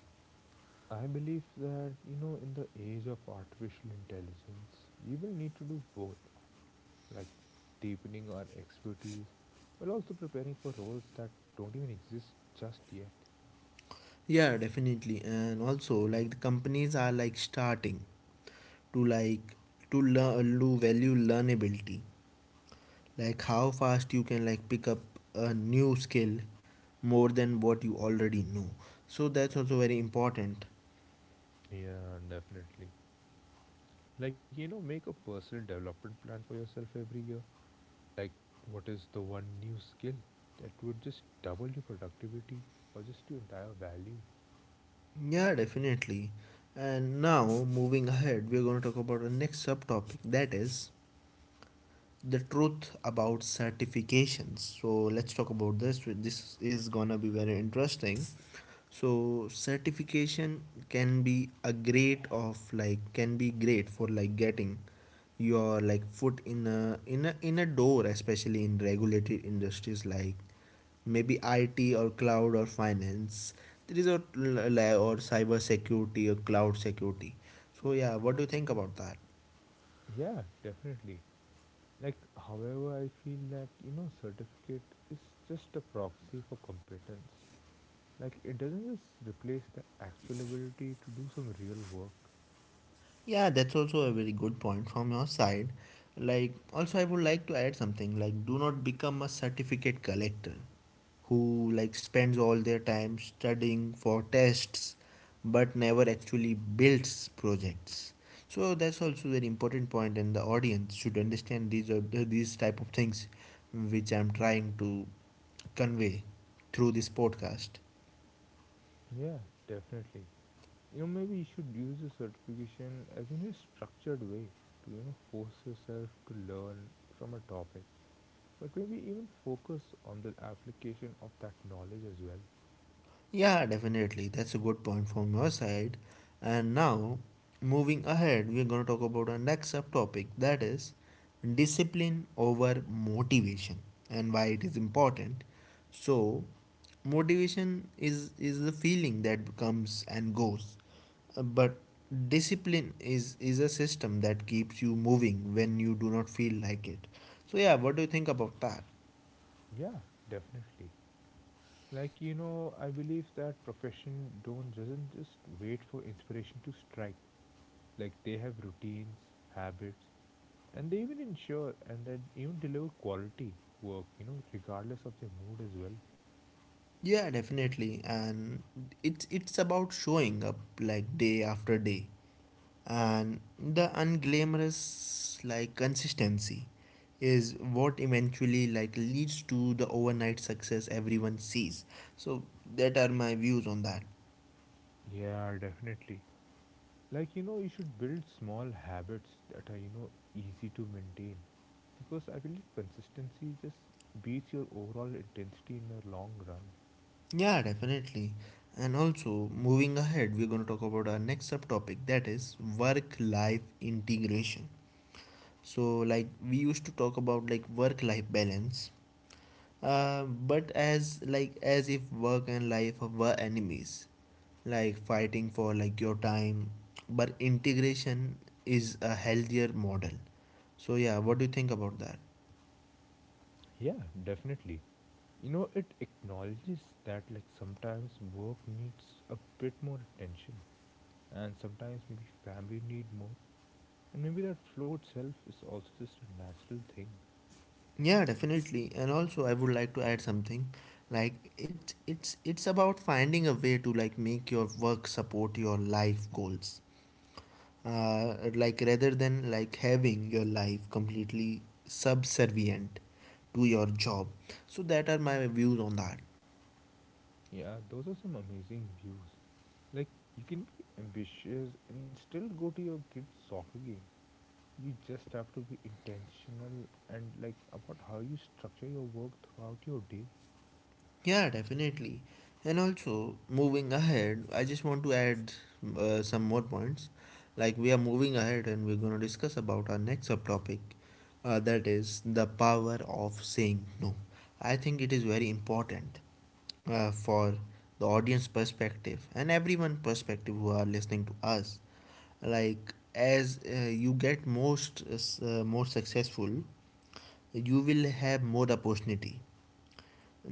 Speaker 2: I believe that, in the age of artificial intelligence, we will need to do both, like deepening our expertise while also preparing for roles that don't even exist just yet.
Speaker 1: Yeah, definitely. And also, like the companies are like starting to like, to learn to value learnability, like how fast you can like pick up a new skill more than what you already know. So that's also very important.
Speaker 2: Yeah, definitely. Like, make a personal development plan for yourself every year. Like, what is the one new skill that would just double your productivity or just your entire value?
Speaker 1: Yeah, definitely. And now, moving ahead, we're going to talk about the next subtopic that is the truth about certifications. So let's talk about this, this is gonna be very interesting. So certification can be a great of like, can be great for like getting your like foot in a door, especially in regulated industries like maybe IT or cloud or finance. There is a or cyber security or cloud security. So yeah, what do you think about that?
Speaker 2: Yeah, definitely. Like, however, I feel that certificate is just a proxy for competence. Like, it doesn't just replace the actual ability to do some real work.
Speaker 1: Yeah, that's also a very good point from your side. Like, also, I would like to add something like, do not become a certificate collector who like spends all their time studying for tests but never actually builds projects. So that's also very important point, and the audience should understand these are these type of things which I'm trying to convey through this podcast.
Speaker 2: Yeah, definitely. Maybe you should use the certification as in a structured way to force yourself to learn from a topic, but maybe even focus on the application of that knowledge as well.
Speaker 1: Yeah, definitely. That's a good point from your side. And now, moving ahead, we're going to talk about our next subtopic that is discipline over motivation and why it is important. So, motivation is the feeling that comes and goes. But discipline is a system that keeps you moving when you do not feel like it. So, yeah, what do you think about that?
Speaker 2: Yeah, definitely. Like I believe that profession don't doesn't just wait for inspiration to strike. Like they have routines, habits, and they even ensure and then even deliver quality work, regardless of their mood as well.
Speaker 1: Yeah, definitely. And it's about showing up like day after day. And the unglamorous like consistency is what eventually like leads to the overnight success everyone sees. So that are my views on that.
Speaker 2: Yeah, definitely. Like, you should build small habits that are, easy to maintain because I believe consistency just beats your overall intensity in the long run.
Speaker 1: Yeah, definitely. And also moving ahead, we're going to talk about our next subtopic that is work life integration. So like we used to talk about like work life balance, but as like as if work and life were enemies, like fighting for like your time, but integration is a healthier model. So yeah, what do you think about that?
Speaker 2: Yeah, definitely. It acknowledges that, like, sometimes work needs a bit more attention and sometimes maybe family need more. And maybe that flow itself is also just a natural thing.
Speaker 1: Yeah, definitely. And also I would like to add something. Like it's about finding a way to like make your work support your life goals, like rather than like having your life completely subservient to your job. So that are my views on that.
Speaker 2: Yeah, those are some amazing views. Like, you can be ambitious and still go to your kid's soccer game. You just have to be intentional and like about how you structure your work throughout your day.
Speaker 1: Yeah, definitely. And also moving ahead, I just want to add some more points. Like we are moving ahead and we're going to discuss about our next subtopic, that is the power of saying no. I think it is very important, for the audience perspective and everyone perspective who are listening to us. Like as you get most more successful, you will have more opportunity,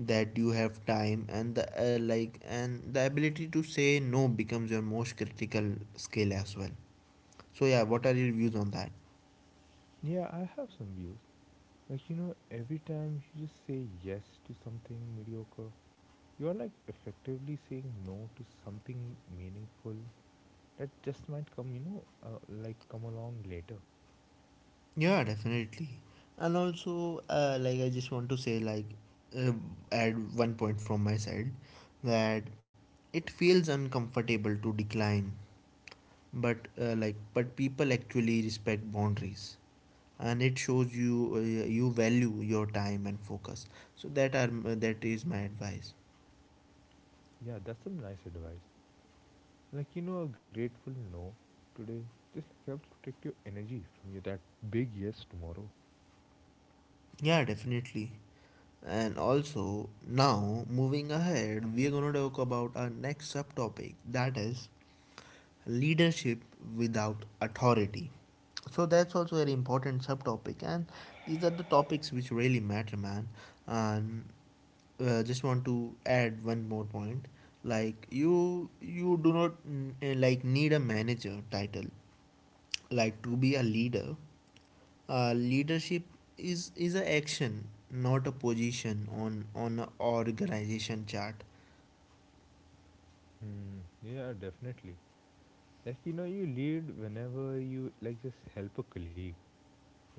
Speaker 1: that you have time and the and the ability to say no becomes your most critical skill as well. So yeah, what are your views on that?
Speaker 2: Yeah, I have some views. Like, every time you just say yes to something mediocre, you are like effectively saying no to something meaningful that just might come, you know, like come along later.
Speaker 1: Yeah, definitely. And also like I just want to say, like uh, add one point from my side, that it feels uncomfortable to decline, but but people actually respect boundaries and it shows you, you value your time and focus. So that is my advice.
Speaker 2: Yeah, that's some nice advice. Like a grateful no today just like helps protect your energy from your that big yes tomorrow.
Speaker 1: Yeah, definitely. And also now moving ahead, we are going to talk about our next subtopic that is leadership without authority. So that's also a very important subtopic. And these are the topics which really matter, man. And just want to add one more point. Like you do not like need a manager title, like to be a leader. Leadership is an action, not a position on an organization chart.
Speaker 2: Hmm. Yeah, definitely. Like you lead whenever you like just help a colleague.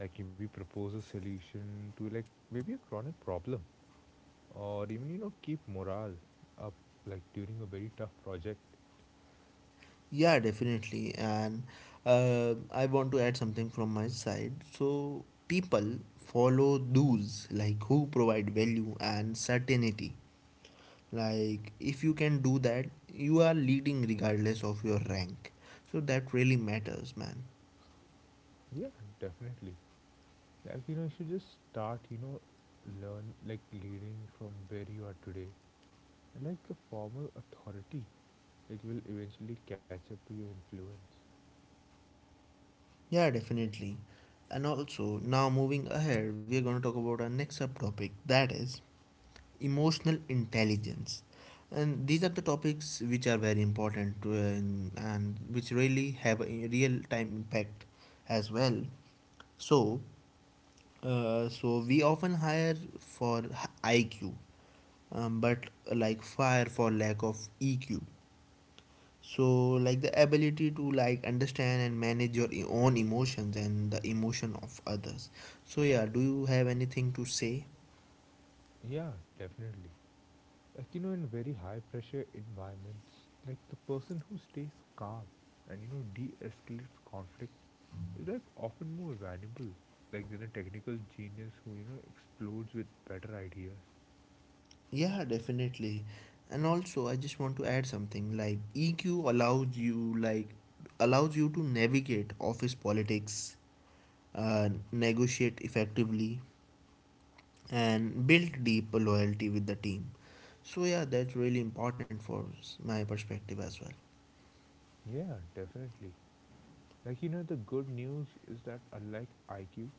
Speaker 2: Like maybe propose a solution to like maybe a chronic problem, or even keep morale up like during a very tough project.
Speaker 1: Yeah, definitely. And I want to add something from my side. So, people follow those like who provide value and certainty. Like, if you can do that, you are leading regardless of your rank. So, that really matters, man.
Speaker 2: Yeah, definitely. Like you should just start. Learn like leading from where you are today, and like the formal authority like will eventually catch up to your influence.
Speaker 1: Yeah, definitely. And also, now moving ahead, we are going to talk about our next subtopic that is emotional intelligence. And these are the topics which are very important to, and which really have a real time impact as well. So uh, so we often hire for IQ, but like fire for lack of EQ. So like the ability to like understand and manage your own emotions and the emotion of others. So yeah, do you have anything to say?
Speaker 2: Yeah, definitely. Like in very high pressure environments, like the person who stays calm and de-escalates conflict is like often more valuable, like than a technical genius who explodes with better ideas.
Speaker 1: Yeah, definitely. And also, I just want to add something like EQ allows you to navigate office politics, negotiate effectively, and build deep loyalty with the team. So yeah, that's really important for my perspective as well.
Speaker 2: Yeah, definitely. Like the good news is that unlike IQ,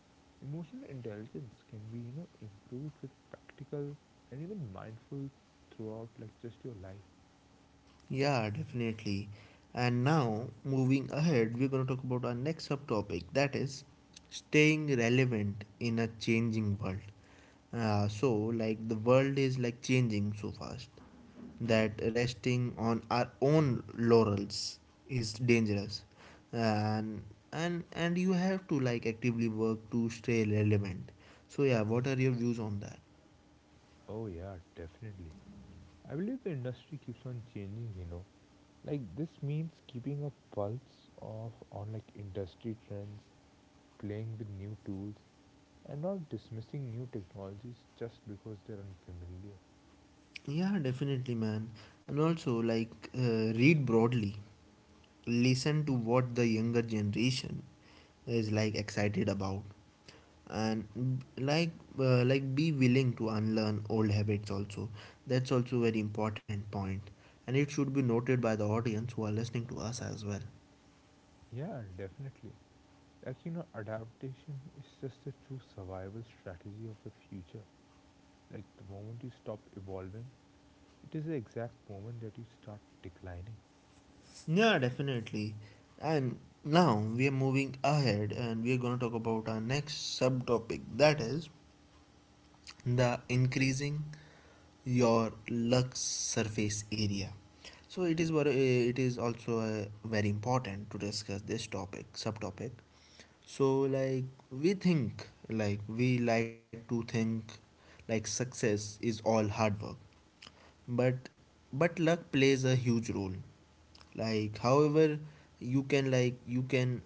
Speaker 2: emotional intelligence can be improved with practical and even mindful throughout like just your life.
Speaker 1: Yeah, definitely. And now, moving ahead, we're going to talk about our next subtopic that is staying relevant in a changing world. So, like, the world is like changing so fast that resting on our own laurels is dangerous. And, and you have to like actively work to stay relevant. So, yeah, what are your views on that?
Speaker 2: Oh, yeah, definitely. I believe the industry keeps on changing. Like, this means keeping a pulse of on like industry trends, playing with new tools, and not dismissing new technologies just because they're unfamiliar.
Speaker 1: Yeah, definitely, man. And also, like, read broadly, listen to what the younger generation is like excited about. And like uh, like be willing to unlearn old habits also. That's also a very important point and it should be noted by the audience who are listening to us as well.
Speaker 2: Yeah, definitely. Like, adaptation is just the true survival strategy of the future. Like, the moment you stop evolving, it is the exact moment that you start declining.
Speaker 1: Yeah, definitely. And now we are moving ahead and we are going to talk about our next subtopic that is the increasing your lug surface area. So it is also very important to discuss this topic subtopic. So like we like to think like success is all hard work, but luck plays a huge role. Like however, you can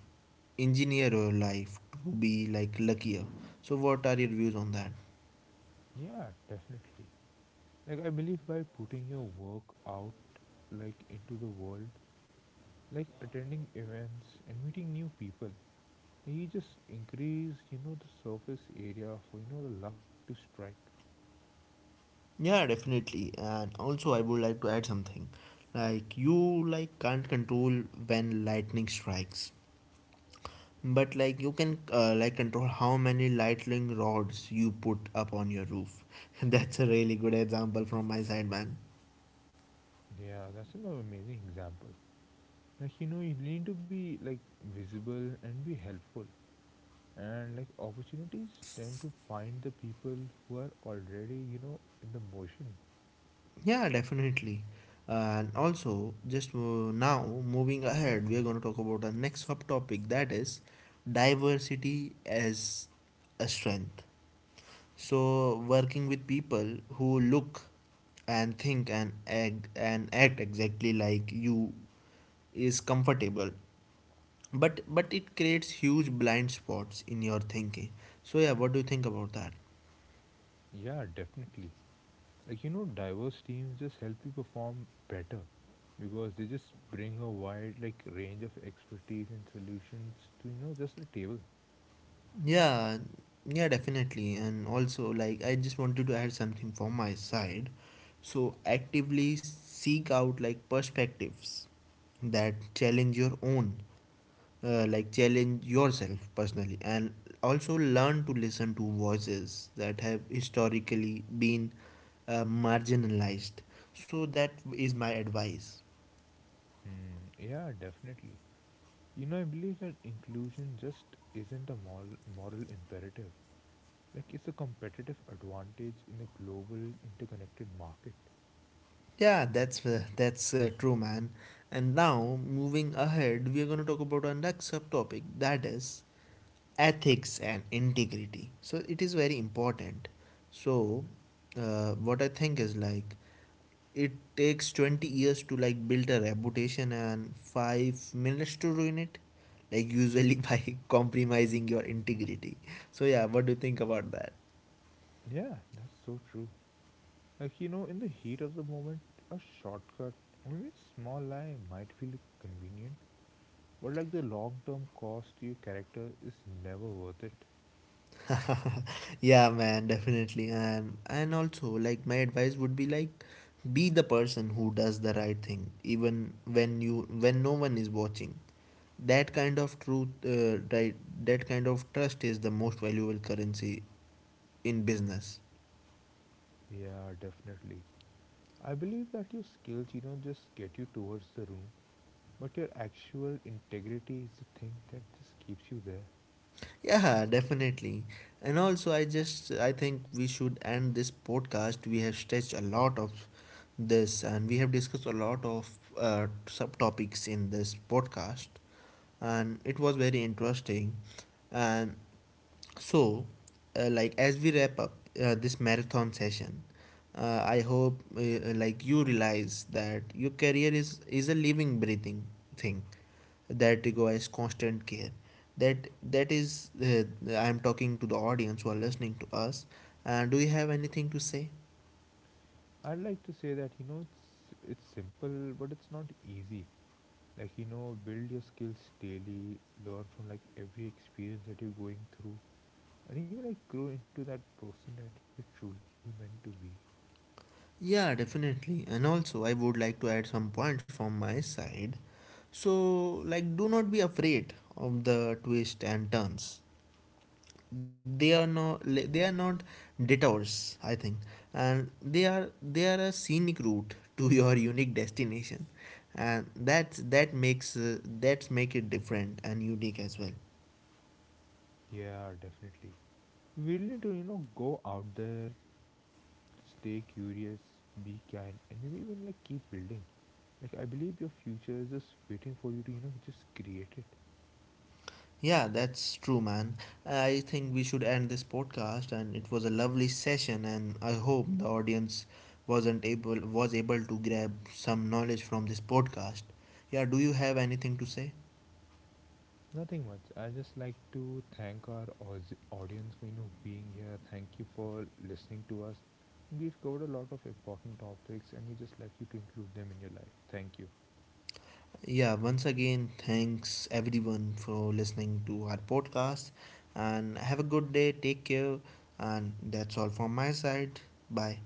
Speaker 1: engineer your life to be like luckier. So what are your views on that?
Speaker 2: Yeah, definitely. Like I believe by putting your work out like into the world, like attending events and meeting new people, like, you just increase the surface area for the luck to strike.
Speaker 1: Yeah, definitely. And also, I would like to add something. Like you can't control when lightning strikes, but like you can like control how many lightning rods you put up on your roof. [laughs] That's a really good example from my side, man.
Speaker 2: Yeah, that's an amazing example. Like you need to be like visible and be helpful, and like opportunities tend to find the people who are already in the motion.
Speaker 1: Yeah, definitely. And also, just now moving ahead, we are going to talk about our next subtopic that is diversity as a strength. So working with people who look and think and act exactly like you is comfortable. But it creates huge blind spots in your thinking. So yeah, what do you think about that?
Speaker 2: Yeah, definitely. Like diverse teams just help you perform better because they just bring a wide like range of expertise and solutions to just the table.
Speaker 1: Yeah, yeah, definitely. And also like I just wanted to add something from my side. So actively seek out like perspectives that challenge your own, like challenge yourself personally, and also learn to listen to voices that have historically been, marginalized. So that is my advice.
Speaker 2: Hmm, yeah, definitely. You know, I believe that inclusion just isn't a moral imperative. Like it's a competitive advantage in a global interconnected market.
Speaker 1: Yeah, that's true, man. And now moving ahead, we are going to talk about our next subtopic that is ethics and integrity. So it is very important. So what I think is, like it takes 20 years to like build a reputation and 5 minutes to ruin it, like usually by [laughs] compromising your integrity. So yeah, what do you think about that?
Speaker 2: Yeah, that's so true. Like in the heat of the moment, a shortcut or maybe a small lie might feel convenient, but like the long term cost to your character is never worth it.
Speaker 1: [laughs] Yeah man, definitely. And also like my advice would be like, be the person who does the right thing even when no one is watching. That kind of truth right, that kind of trust is the most valuable currency in business.
Speaker 2: Yeah, definitely. I believe that your skills, just get you towards the room, but your actual integrity is the thing that just keeps you there.
Speaker 1: Yeah, definitely. And also I think we should end this podcast. We have stretched a lot of this and we have discussed a lot of subtopics in this podcast, and it was very interesting. And so Like as we wrap up this marathon session, I hope like you realize that your career is a living breathing thing that requires constant care. That that is I am talking to the audience who are listening to us. Do you have anything to say?
Speaker 2: I'd like to say that, it's simple, but it's not easy. Like, build your skills daily, learn from like every experience that you're going through, and even like grow into that person that you're truly meant to be.
Speaker 1: Yeah, definitely. And also I would like to add some points from my side. So like, do not be afraid of the twists and turns. They are not detours, I think. And they are a scenic route to [laughs] your unique destination. And that makes, that's make it different and unique as well.
Speaker 2: Yeah, definitely. We really need to, go out there, stay curious, be kind, and maybe even like keep building. Like I believe your future is just waiting for you to just create it.
Speaker 1: Yeah, that's true, man. I think we should end this podcast and it was a lovely session, and I hope the audience wasn't able was able to grab some knowledge from this podcast. Yeah, do you have anything to say?
Speaker 2: Nothing much. I just like to thank our audience for being here. Thank you for listening to us. We've covered a lot of important topics, and we just like you to include them in your life. Thank you.
Speaker 1: Yeah, once again, thanks everyone for listening to our podcast. And have a good day, take care. And that's all from my side. Bye.